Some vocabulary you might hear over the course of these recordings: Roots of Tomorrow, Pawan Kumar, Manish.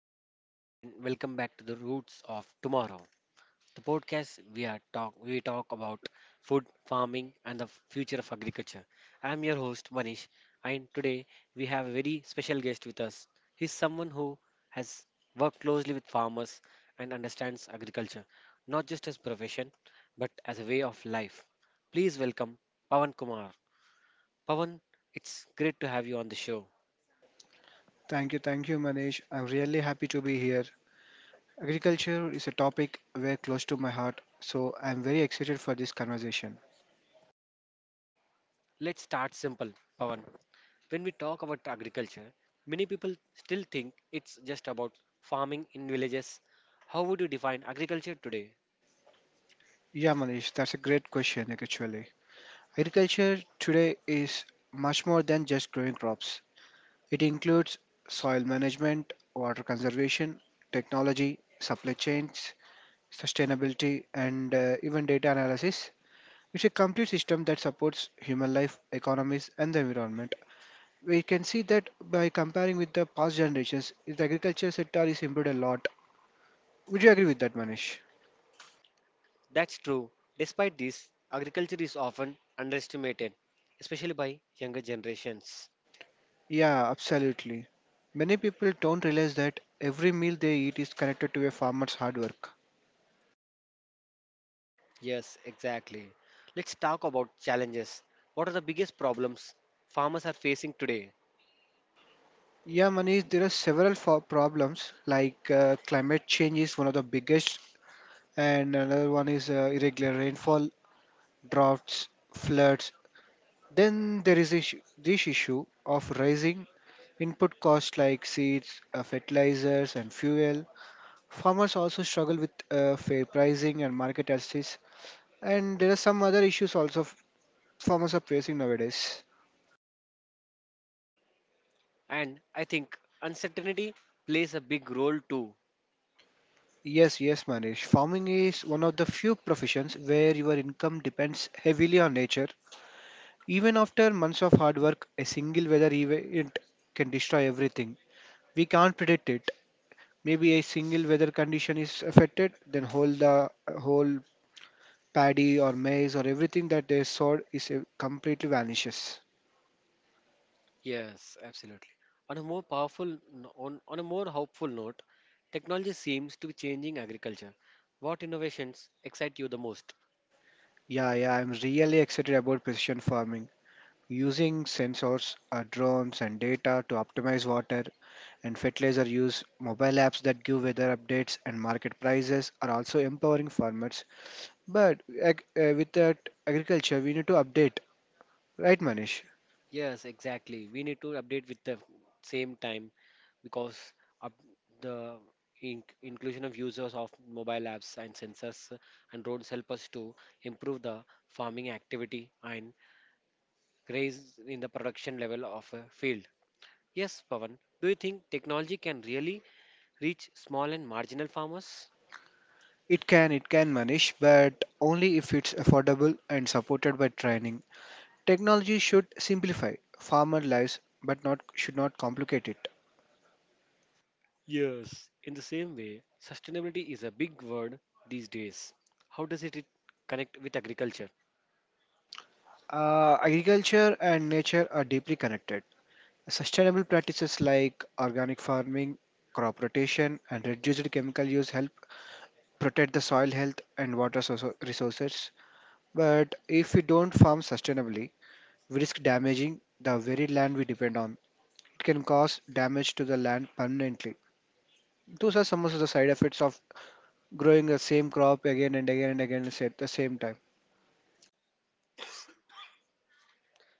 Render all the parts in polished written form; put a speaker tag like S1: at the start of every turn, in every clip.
S1: everyone, and welcome back to the Roots of Tomorrow, the podcast we talk about food, farming, and the future of agriculture. I'm your host Manish, and today we have a very special guest with us. He's someone who has worked closely with farmers and understands agriculture, not just as profession, but as a way of life. Please welcome Pawan Kumar. Pawan, it's great to have you on the show.
S2: Thank you, Manish. I'm really happy to be here. Agriculture is a topic very close to my heart, so I'm very excited for this conversation.
S1: Let's start simple, Pawan. When we talk about agriculture, many people still think it's just about farming in villages. How would you define agriculture today?
S2: Yeah, Manish, that's a great question, actually. Agriculture today is much more than just growing crops, it includes soil management, water conservation, technology, supply chains, sustainability, and even data analysis. It's a complete system that supports human life, economies, and the environment. We can see that by comparing with the past generations, the agriculture sector is improved a lot. Would you agree with that, Manish?
S1: That's true. Despite this, agriculture is often underestimated, especially by younger generations.
S2: Yeah, absolutely. Many people don't realize that every meal they eat is connected to a farmer's hard work.
S1: Yes, exactly. Let's talk about challenges. What are the biggest problems farmers are facing today?
S2: Yeah, Manish, there are several problems like climate change is one of the biggest, and another one is irregular rainfall, droughts, floods. Then there is issue, this issue of rising input costs like seeds, fertilizers, and fuel. Farmers also struggle with fair pricing and market access, and there are some other issues also farmers are facing nowadays.
S1: And I think uncertainty plays a big role too.
S2: Yes, Manish. Farming is one of the few professions where your income depends heavily on nature. Even after months of hard work, a single weather event can destroy everything. We can't predict it. Maybe a single weather condition is affected, then whole the whole paddy or maize or everything that they sowed is completely vanishes.
S1: Yes, absolutely. On a more hopeful note, technology seems to be changing agriculture. What innovations excite you the most?
S2: Yeah, I'm really excited about precision farming. Using sensors, drones, and data to optimize water and fertilizer use, mobile apps that give weather updates and market prices are also empowering farmers. But with that agriculture, we need to update, right, Manish?
S1: Yes, exactly. We need to update with the same time because up the inclusion of users of mobile apps and sensors and drones help us to improve the farming activity and raise in the production level of a field. Yes, Pavan, do you think technology can really reach small and marginal farmers?
S2: It can, Manish, but only if it's affordable and supported by training. Technology should simplify farmer lives, but not should not complicate it.
S1: Yes, in the same way, sustainability is a big word these days. How does it connect with agriculture?
S2: Agriculture and nature are deeply connected. Sustainable practices like organic farming, crop rotation, and reduced chemical use help protect the soil health and resources. But if we don't farm sustainably, we risk damaging the very land we depend on. It can cause damage to the land permanently. Those are some of the side effects of growing the same crop again and again and again at the same time.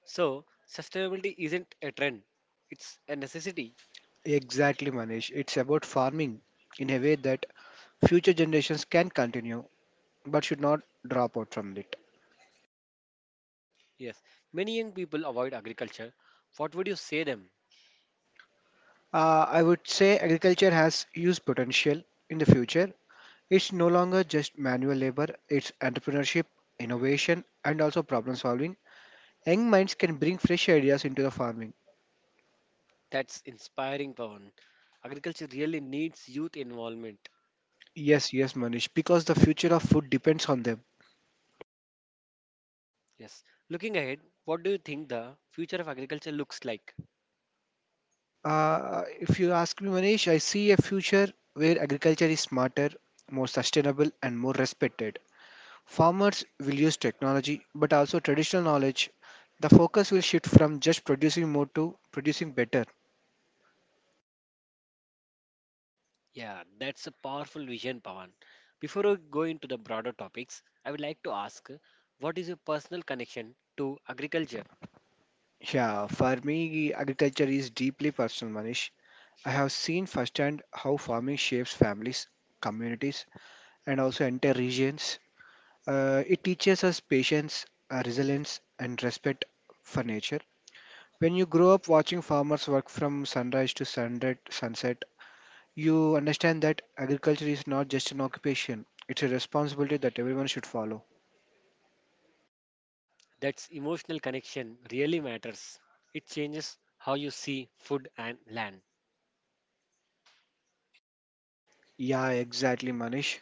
S1: So, sustainability isn't a trend, it's a necessity.
S2: Exactly, Manish. It's about farming in a way that future generations can continue but should not drop out from it.
S1: Yes, many young people avoid agriculture. What would you say them?
S2: I would say agriculture has huge potential in the future. It's no longer just manual labor, it's entrepreneurship, innovation, and also problem solving. Young minds can bring fresh ideas into the farming.
S1: That's inspiring, Pawan. Agriculture really needs youth involvement.
S2: Yes, Manish, because the future of food depends on them.
S1: Yes. Looking ahead, what do you think the future of agriculture looks like?
S2: If you ask me, Manish, I see a future where agriculture is smarter, more sustainable, and more respected. Farmers will use technology but also traditional knowledge. The focus will shift from just producing more to producing better.
S1: Yeah, that's a powerful vision, Pawan. Before we go into the broader topics, I would like to ask what is your personal connection to agriculture?
S2: Yeah, for me, agriculture is deeply personal, Manish. I have seen firsthand how farming shapes families, communities, and also entire regions. It teaches us patience, resilience, and respect for nature. When you grow up watching farmers work from sunrise to sunset, you understand that agriculture is not just an occupation, it's a responsibility that everyone should follow.
S1: That's emotional connection really matters. It changes how you see food and land.
S2: Yeah, exactly, Manish.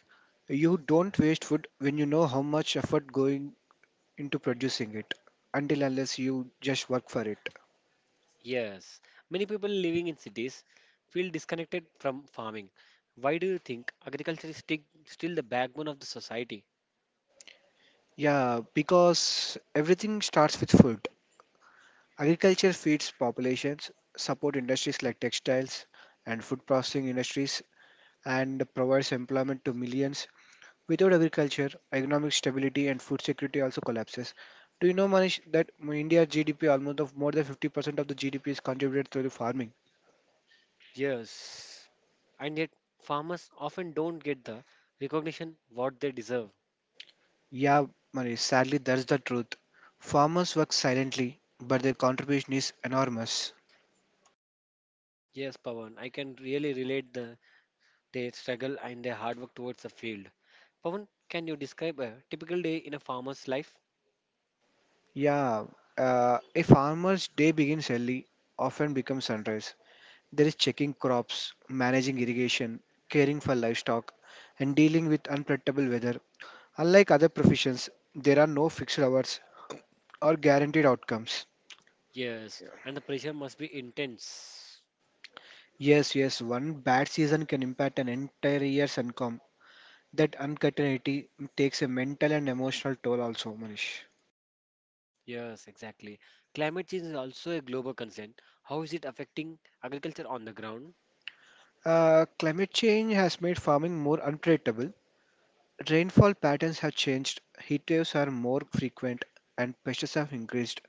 S2: You don't waste food when you know how much effort going into producing it, until unless you just work for it.
S1: Yes, many people living in cities feel disconnected from farming. Why do you think agriculture is still the backbone of the society?
S2: Yeah, because everything starts with food. Agriculture feeds populations, support industries like textiles and food processing industries, and provides employment to millions. Without agriculture, economic stability and food security also collapses. Do you know, Manish, that India's GDP almost of more than 50% of the GDP is contributed through the farming?
S1: Yes, and yet farmers often don't get the recognition what they deserve.
S2: Yeah, Manish, sadly, that's the truth. Farmers work silently, but their contribution is enormous.
S1: Yes, Pawan, I can really relate the their struggle and their hard work towards the field. Pawan, can you describe a typical day in a farmer's life?
S2: Yeah, a farmer's day begins early, often becomes sunrise. There is checking crops, managing irrigation, caring for livestock, and dealing with unpredictable weather. Unlike other professions, there are no fixed hours or guaranteed outcomes.
S1: Yes, and the pressure must be intense.
S2: Yes, one bad season can impact an entire year's income. That uncertainty takes a mental and emotional toll, also, Manish.
S1: Yes, exactly. Climate change is also a global concern. How is it affecting agriculture on the ground?
S2: Climate change has made farming more unpredictable. Rainfall patterns have changed, heat waves are more frequent, and pests have increased.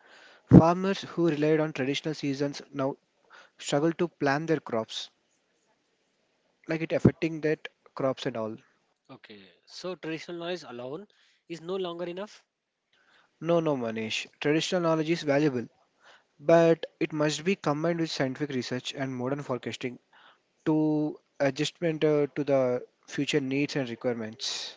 S2: Farmers who relied on traditional seasons now struggle to plan their crops, like it affecting that crops and all.
S1: Okay, so traditional knowledge alone is no longer enough.
S2: No, Manish. Traditional knowledge is valuable but it must be combined with scientific research and modern forecasting to adjustment to the future needs and requirements.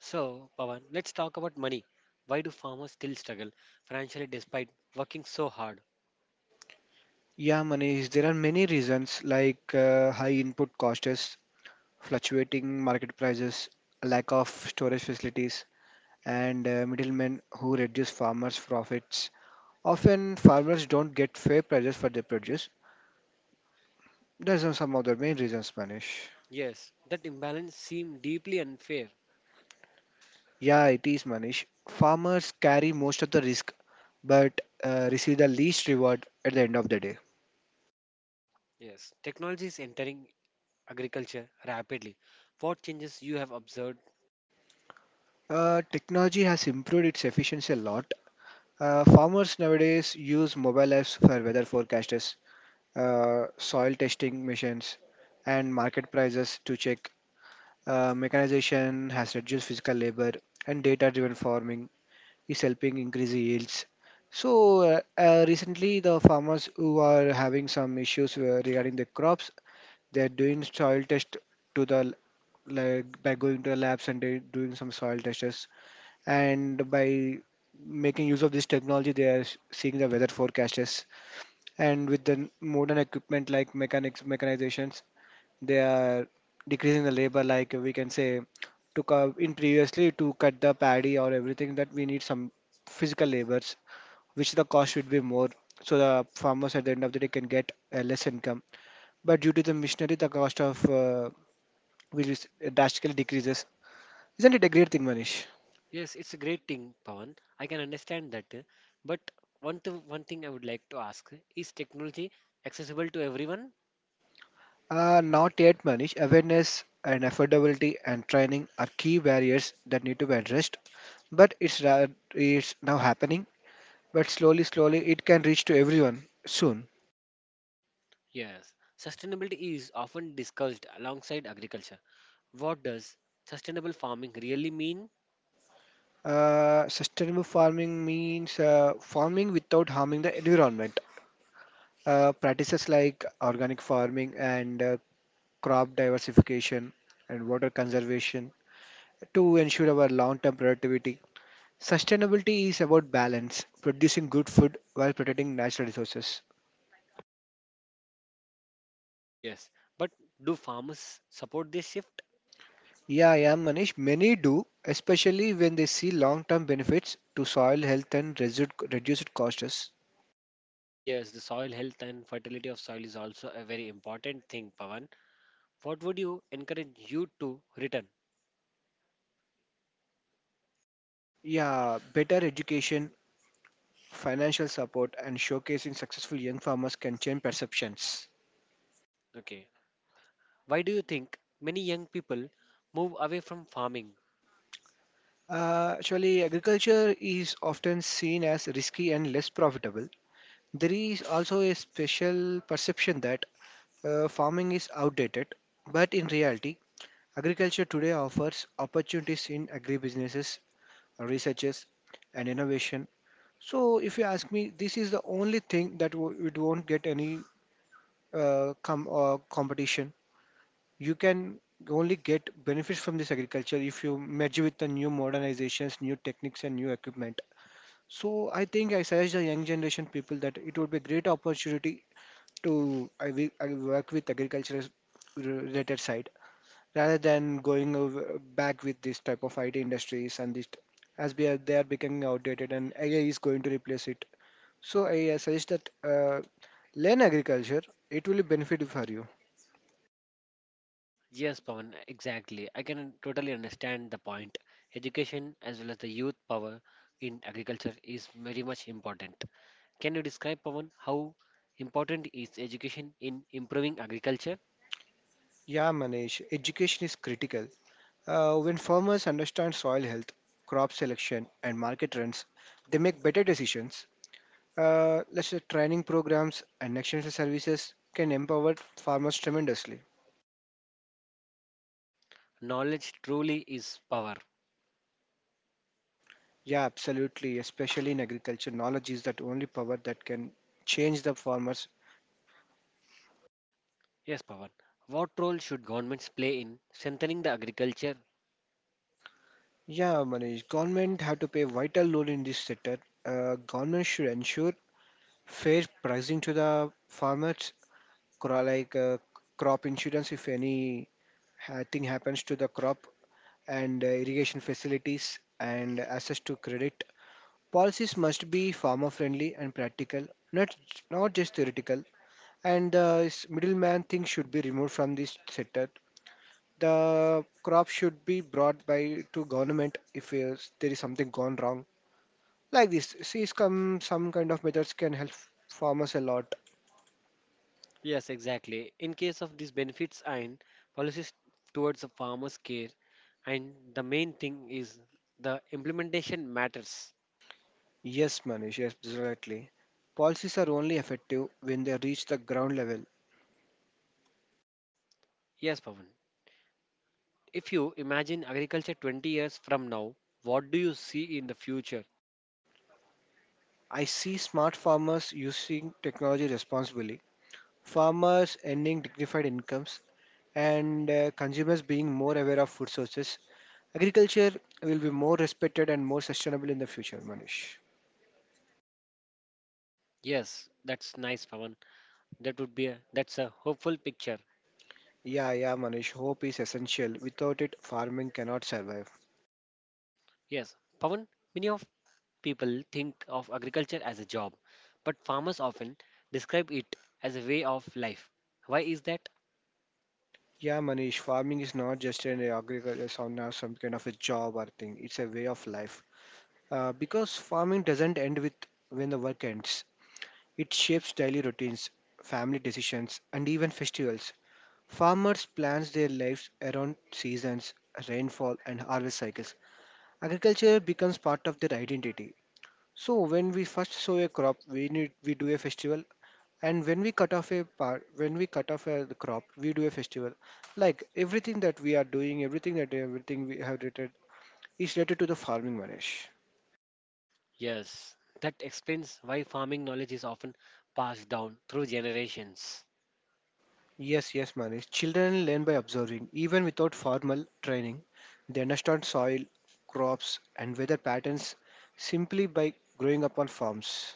S1: So, Pawan, let's talk about money. Why do farmers still struggle financially despite working so hard?
S2: Yeah, Manish, there are many reasons like high input costs, fluctuating market prices, lack of storage facilities, and middlemen who reduce farmers' profits. Often, farmers don't get fair prices for their produce. Those are some of the main reasons, Manish.
S1: Yes, that imbalance seems deeply unfair.
S2: Yeah, it is Manish. Farmers carry most of the risk but receive the least reward at the end of the day.
S1: Yes, technology is entering agriculture rapidly. What changes you have observed?
S2: Technology has improved its efficiency a lot. Farmers nowadays use mobile apps for weather forecasters, soil testing machines, and market prices to check. Mechanization has reduced physical labor, and data driven farming is helping increase yields. So, recently, the farmers who are having some issues regarding the crops, they're doing soil test to the l- like by going to the labs and they doing some soil tests, and by making use of this technology, they are seeing the weather forecasts. And with the modern equipment like mechanizations, they are decreasing the labor. Like we can say, in previously to cut the paddy or everything that we need some physical labors, which the cost would be more. So the farmers at the end of the day can get less income. But due to the machinery, the cost of will s- drastically decreases. Isn't it a great thing, Manish?
S1: Yes, it's a great thing, Pawan. I can understand that. But one thing I would like to ask is technology accessible to everyone?
S2: Not yet, Manish. Awareness and affordability and training are key barriers that need to be addressed. But it's now happening. But slowly, slowly, it can reach to everyone soon.
S1: Yes. Sustainability is often discussed alongside agriculture. What does sustainable farming really mean?
S2: Sustainable farming means farming without harming the environment. Practices like organic farming and crop diversification and water conservation to ensure our long-term productivity. Sustainability is about balance, producing good food while protecting natural resources.
S1: Yes. But do farmers support this shift?
S2: Yeah, Manish. Many do, especially when they see long-term benefits to soil health and reduced costs.
S1: Yes, the soil health and fertility of soil is also a very important thing, Pawan. What would you encourage you to return?
S2: Yeah, better education, financial support, and showcasing successful young farmers can change perceptions.
S1: Okay. Why do you think many young people move away from farming?
S2: Actually, agriculture is often seen as risky and less profitable. There is also a special perception that farming is outdated, but in reality, agriculture today offers opportunities in agribusinesses, researches, and innovation. So, if you ask me, this is the only thing that it won't get any competition. You can only get benefits from this agriculture if you merge with the new modernizations, new techniques, and new equipment. So, I think I suggest the young generation people that it would be a great opportunity to I will work with agriculture related side rather than going over, back with this type of IT industries and this as we are they are becoming outdated and AI is going to replace it. So I suggest that learn agriculture. It will benefit for you.
S1: Yes, Pawan, exactly. I can totally understand the point. Education as well as the youth power in agriculture is very much important. Can you describe, Pawan, how important is education in improving agriculture?
S2: Yeah, Manish. Education is critical. When farmers understand soil health, crop selection, and market trends, they make better decisions. Let's say training programs and extension services can empower farmers tremendously.
S1: Knowledge truly is power.
S2: Yeah, absolutely. Especially in agriculture, knowledge is that only power that can change the farmers.
S1: Yes, Pawan. What role should governments play in strengthening the agriculture?
S2: Yeah, Manish, government have to play a vital role in this sector. Government should ensure fair pricing to the farmers, cro- like uh, crop insurance if any thing happens to the crop, and irrigation facilities and access to credit. Policies must be farmer friendly and practical, not not just theoretical. And the middleman thing should be removed from this sector. The crop should be brought by to government if there is something gone wrong. Like this, see, some kind of methods can help farmers a lot.
S1: Yes, exactly. In case of these benefits and policies towards the farmers care, and the main thing is the implementation matters.
S2: Yes, Manish, exactly. Policies are only effective when they reach the ground level.
S1: Yes, Pavan. If you imagine agriculture 20 years from now, what do you see in the future?
S2: I see smart farmers using technology responsibly, farmers earning dignified incomes, and consumers being more aware of food sources. Agriculture will be more respected and more sustainable in the future, Manish.
S1: Yes, that's nice, Pavan. That's a hopeful picture.
S2: Yeah, Manish. Hope is essential. Without it, farming cannot survive.
S1: Yes, Pavan, many of people think of agriculture as a job, but farmers often describe it as a way of life. Why is that?
S2: Yeah, Manish. Farming is not just an agriculture sound or some kind of a job or thing. It's a way of life. Because farming doesn't end with when the work ends. It shapes daily routines, family decisions, and even festivals. Farmers plans their lives around seasons, rainfall, and harvest cycles. Agriculture becomes part of their identity. So when we first sow a crop, we do a festival, and when we cut off a part, when we cut off a, the crop, we do a festival. Like everything that we are doing, everything we have related is related to the farming, Manish.
S1: Yes, that explains why farming knowledge is often passed down through generations.
S2: Yes, yes, Manish. Children learn by observing, even without formal training. They understand soil, crops, and weather patterns simply by growing up on farms.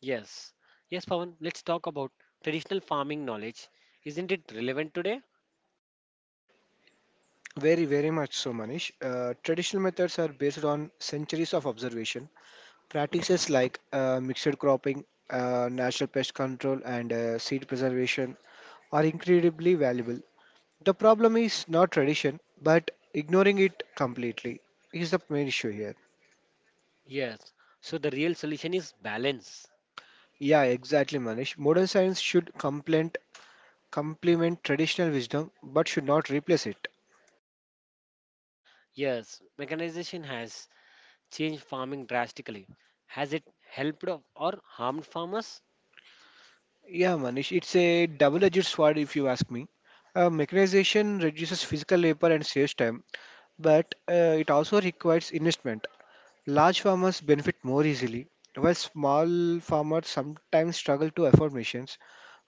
S1: Yes. Yes, Pawan, let's talk about traditional farming knowledge. Isn't it relevant today?
S2: Very, very much so, Manish. Traditional methods are based on centuries of observation. Practices like mixed cropping, natural pest control, and seed preservation are incredibly valuable. The problem is not tradition, but ignoring it completely is the main issue here.
S1: Yes. So the real solution is balance.
S2: Yeah, exactly, Manish. Modern science should complement traditional wisdom, but should not replace it.
S1: Yes, mechanization has changed farming drastically. Has it helped or harmed farmers?
S2: Yeah, Manish, it's a double-edged sword if you ask me. Mechanization reduces physical labor and saves time, but it also requires investment. Large farmers benefit more easily, while small farmers sometimes struggle to afford machines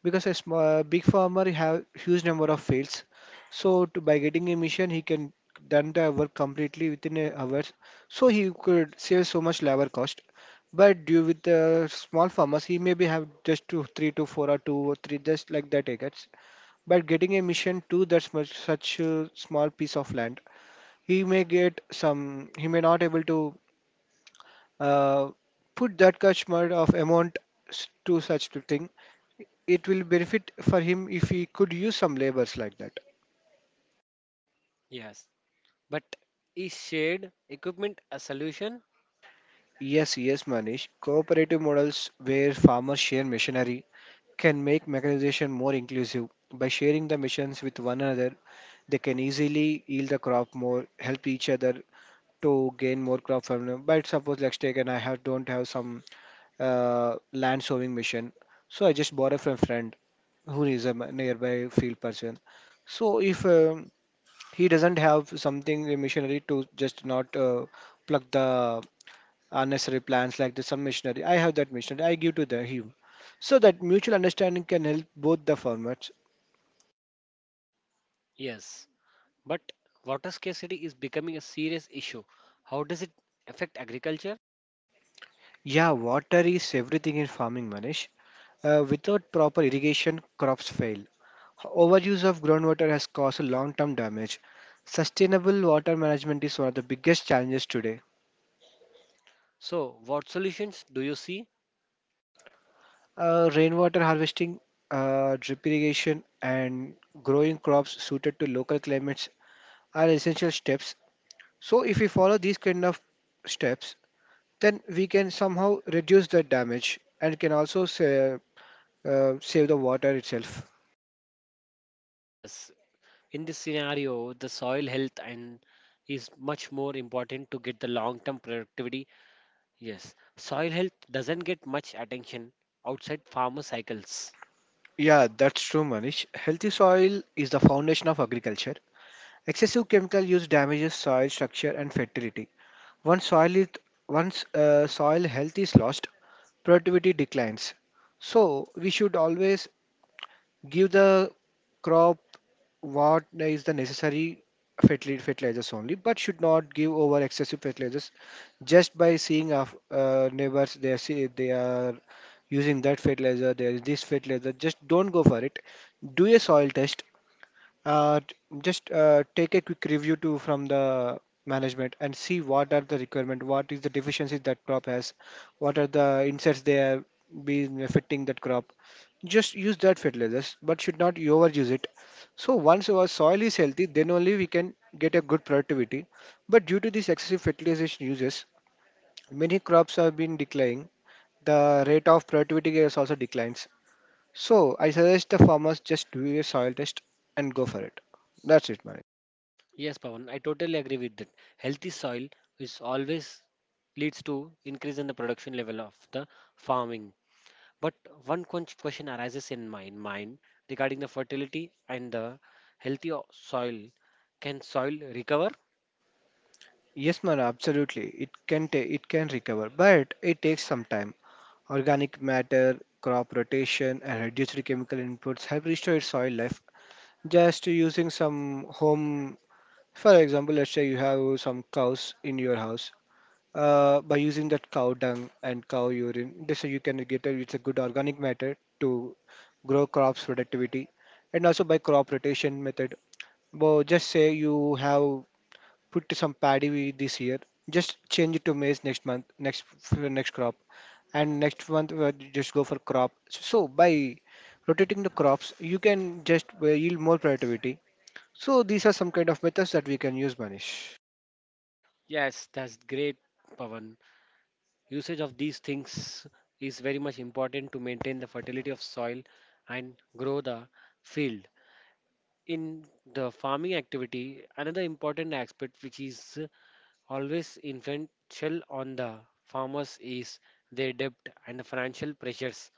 S2: because a small, big farmer have huge number of fields. So to, by getting a machine, he can done the work completely within a hours. So he could save so much labor cost. But due with the small farmers, he maybe have just two, three to four or two or three just like that acres. But getting a mission to that much such a small piece of land, he may get some. He may not able to uh, put that customer of amount to such thing, it will benefit for him if he could use some labors like that.
S1: Yes. But is shared equipment a solution?
S2: Yes, yes, Manish, cooperative models where farmers share machinery can make mechanization more inclusive. By sharing the machines with one another, they can easily yield the crop, more help each other to gain more crop from them. But suppose let's take and I have don't have some land sowing machine. So I just bought it from a friend who is a nearby field person. So if he doesn't have something a machinery to just not pluck the unnecessary plants like the some machinery, I have that machinery. I give to the him. So that mutual understanding can help both the farmers.
S1: Yes. But water scarcity is becoming a serious issue. How does it affect agriculture?
S2: Yeah, water is everything in farming, Manish. Without proper irrigation, crops fail. Overuse of groundwater has caused long term damage. Sustainable water management is one of the biggest challenges today.
S1: So, what solutions do you see?
S2: Rainwater harvesting, drip irrigation, and growing crops suited to local climates are essential steps. So, if we follow these kind of steps, then we can somehow reduce the damage and can also save the water itself.
S1: Yes, in this scenario, the soil health and is much more important to get the long-term productivity. Yes, soil health doesn't get much attention outside farmer cycles.
S2: Yeah, that's true, Manish. Healthy soil is the foundation of agriculture. Excessive chemical use damages soil structure and fertility. Once soil is, once soil health is lost, productivity declines. So we should always give the crop what is the necessary fertilizers only, but should not give over excessive fertilizers just by seeing our neighbors. They are see they are using that fertilizer, there is this fertilizer. Just don't go for it. Do a soil test t- just take a quick review too from the management and see what are the requirement, what is the deficiencies that crop has, what are the inserts they are been affecting that crop. Just use that fertilizers, but should not overuse it. So once our soil is healthy, then only we can get a good productivity. But due to these excessive fertilization uses, many crops have been declining. The rate of productivity is also declines. So I suggest the farmers just do a soil test and go for it. That's it, man.
S1: Yes, Pawan, I totally agree with that. Healthy soil is always leads to increase in the production level of the farming. But one question arises in my mind regarding the fertility and the healthy soil. Can soil recover?
S2: Yes, man, absolutely. It can recover, but it takes some time. Organic matter, crop rotation, and reduced chemical inputs have restored soil life. Just using some home, for example, let's say you have some cows in your house. By using that cow dung and cow urine, this you can get a, it's a good organic matter to grow crops productivity, and also by crop rotation method. Well, just say you have put some this year, just change it to maize next month, next crop, and next month just go for crop. So by rotating the crops, you can just yield more productivity. So these are some kind of methods that we can use, Manish.
S1: Yes, that's great, Pavan. Usage of these things is very much important to maintain the fertility of soil and grow the field. In the farming activity, another important aspect which is always influential on the farmers is their debt and the financial pressures.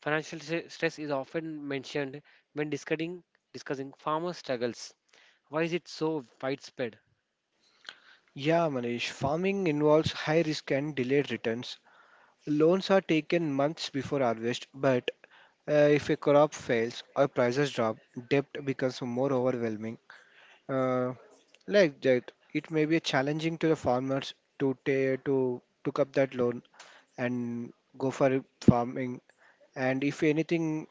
S1: Financial stress is often mentioned when discussing farmer struggles. Why is it so widespread?
S2: Yeah, Manish. Farming involves high risk and delayed returns. Loans are taken months before harvest, but if a crop fails or prices drop, debt becomes more overwhelming. Uh, Like that, it may be challenging to the farmers to to took up that loan and go for farming. And if anything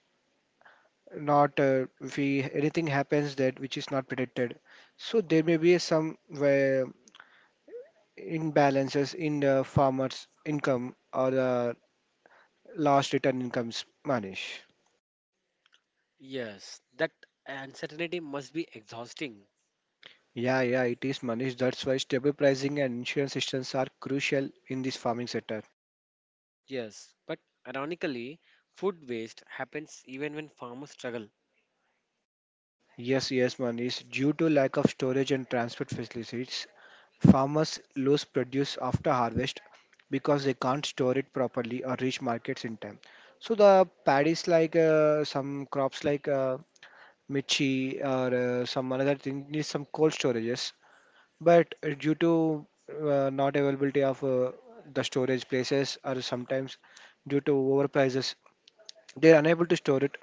S2: not if we, anything happens that which is not predicted, so there may be some where imbalances in the farmer's income or the last return incomes, Manish.
S1: Yes, that uncertainty must be exhausting.
S2: Yeah, yeah, it is Manish. That's why stable pricing and insurance systems are crucial in this farming sector.
S1: Yes, but ironically, food waste happens even when farmers struggle.
S2: Yes, yes, Manish. Due to lack of storage and transport facilities, farmers lose produce after harvest because they can't store it properly or reach markets in time. So the paddies like some crops like michi or some another thing need some cold storages. But due to not availability of the storage places or sometimes due to overprices, they are unable to store it.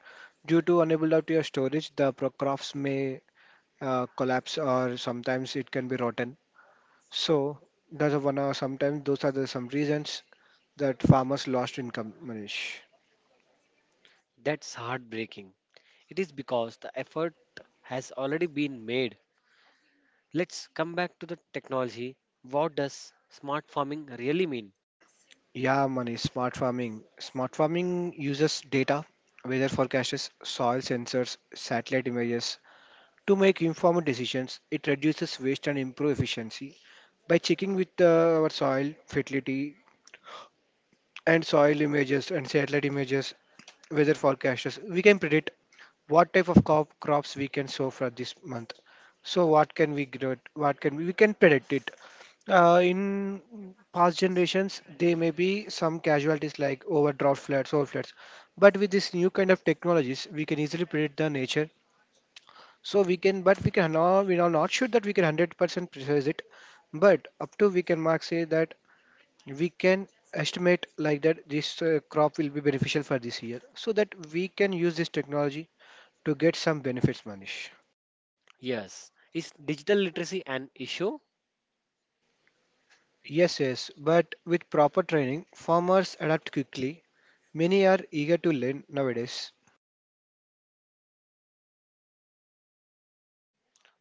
S2: Due to unable to your storage, the crops may collapse or sometimes it can be rotten. So that's a one. Sometimes those are the some reasons that farmers lost income. Manish.
S1: That's heartbreaking. It is because the effort has already been made. Let's come back to the technology. What does smart farming really mean?
S2: Yeah, Manish. Smart farming uses data, weather forecasts, soil sensors, satellite images to make informed decisions. It reduces waste and improve efficiency. By checking with our soil fertility and soil images and satellite images, weather forecasts, we can predict what type of crops we can sow for this month. So what can we grow, we can predict it. In past generations there may be some casualties like overdraft floods or floods, but with this new kind of technologies we can easily predict the nature. So we can but we can not we are not sure that we can 100% precise it, but up to we can mark say that we can estimate like that this crop will be beneficial for this year, so that we can use this technology to get some benefits, Manish.
S1: Yes, is digital literacy an issue?
S2: Yes, yes, but with proper training, farmers adapt quickly. Many are eager to learn nowadays.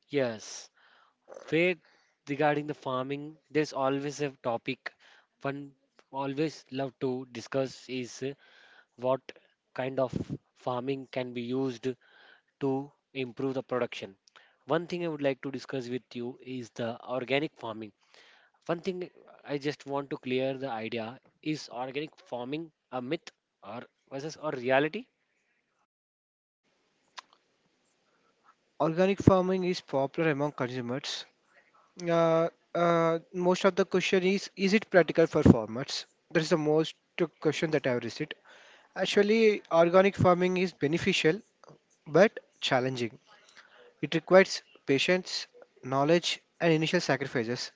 S1: Yes. Faith regarding the farming, there's always a topic one always love to discuss is what kind of farming can be used to improve the production. One thing I would like to discuss with you is the organic farming. One thing I just want to clear the idea is organic farming a myth or versus or reality?
S2: Organic farming is popular among consumers. Uh, Most of the question is it practical for farmers? That is the most question that I have received. Actually, organic farming is beneficial but challenging. It requires patience, knowledge, and initial sacrifices.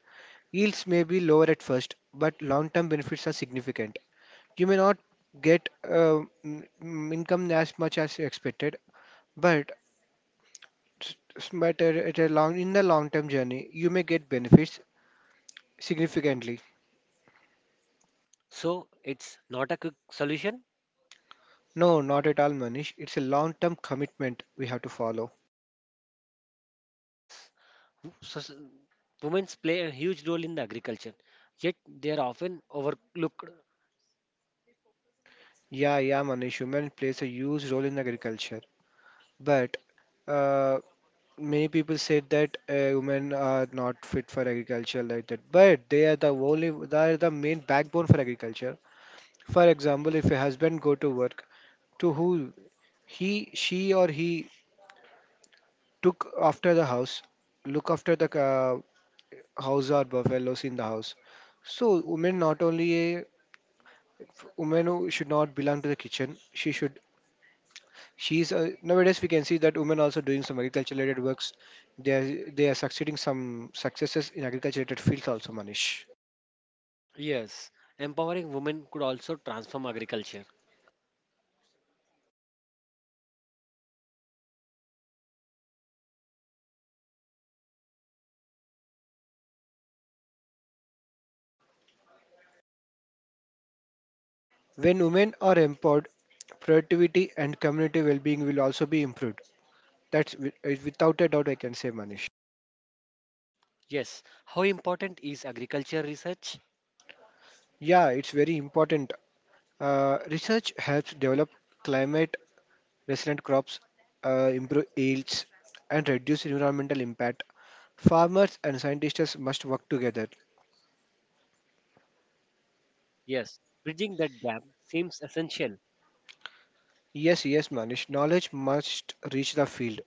S2: Yields may be lower at first, but long-term benefits are significant. You may not get income as much as you expected, but but at a long in the long term journey, you may get benefits significantly.
S1: So it's not a quick solution.
S2: No, not at all, Manish. It's a long term commitment we have to follow.
S1: Yes. Women play a huge role in the agriculture, yet they are often overlooked.
S2: Yeah, yeah, Manish. Human plays a huge role in agriculture, but uh, many people say that women are not fit for agriculture like that, but they are the main backbone for agriculture. For example, if a husband go to work to who. He, she, or he took after the house, look after the house or buffaloes in the house. So women not only a women who should not belong to the kitchen. She should. She's nowadays we can see that women also doing some agriculture related works. They are succeeding some successes in agriculture related fields also, Manish.
S1: Yes, empowering women could also transform agriculture.
S2: When women are empowered, productivity and community well-being will also be improved. Without a doubt I can say, Manish.
S1: Yes, how important is agriculture research?
S2: Yeah, it's very important. Research helps develop climate resilient crops, improve yields, and reduce environmental impact. Farmers and scientists must work together.
S1: Yes, bridging that gap seems essential.
S2: Yes, yes, Manish. Knowledge must reach the field,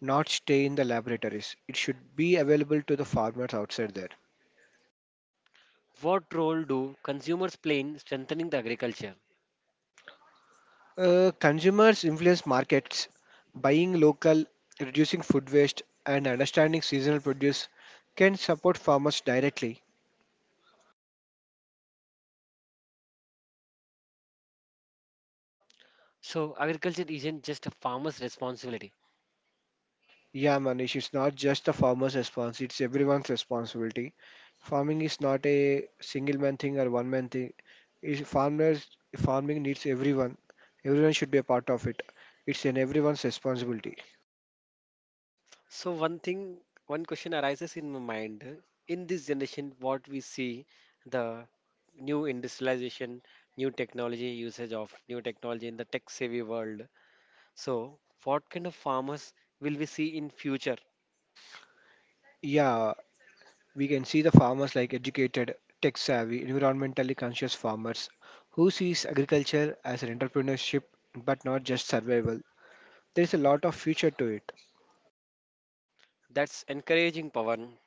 S2: not stay in the laboratories. It should be available to the farmers outside there.
S1: What role do consumers play in strengthening the agriculture?
S2: Consumers influence markets. Buying local, reducing food waste, and understanding seasonal produce can support farmers directly.
S1: So, agriculture isn't just a farmer's responsibility.
S2: Yeah, Manish, it's not just the farmer's response, it's everyone's responsibility. Farming is not a single man thing or one man thing. It's farmers Farming needs everyone. Everyone should be a part of it. It's in everyone's responsibility.
S1: So one thing, one question arises in my mind. In this generation, what we see, the new industrialization, new technology usage of new technology in the tech-savvy world. So what kind of farmers will we see in future?
S2: Yeah, we can see the farmers like educated, tech savvy, environmentally conscious farmers who sees agriculture as an entrepreneurship but not just survival. There is a lot of future to it.
S1: That's encouraging, Pawan.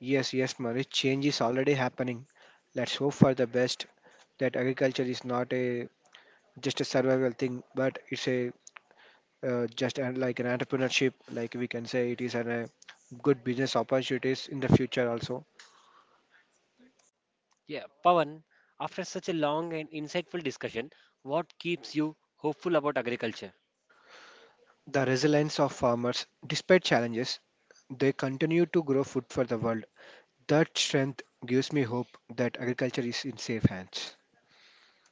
S2: Yes, yes, Manish, change is already happening. Let's hope for the best that agriculture is not a just a survival thing, but it's a like an entrepreneurship, like we can say it is a good business opportunities in the future also.
S1: Yeah, Pawan. After such a long and insightful discussion, what keeps you hopeful about agriculture?
S2: The resilience of farmers, despite challenges, they continue to grow food for the world. That strength gives me hope that agriculture is in safe hands.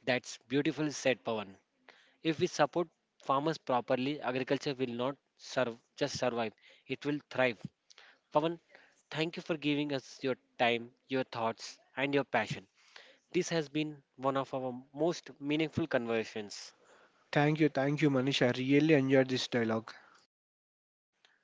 S1: That's beautiful said, Pawan. If we support farmers properly, agriculture will not serve, just survive, it will thrive. Pavan, thank you for giving us your time, your thoughts, and your passion. This has been one of our most meaningful conversations.
S2: Thank you, Manish. I really enjoyed this dialogue.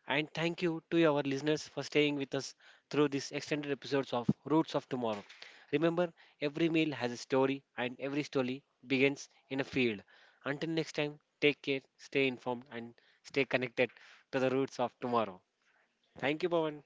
S1: And thank you to our listeners for staying with us through these extended episodes of Roots of Tomorrow. Remember, every meal has a story, and every story begins in a field. Until next time, take care, stay informed, and stay connected to the roots of tomorrow. Thank you, Pawan.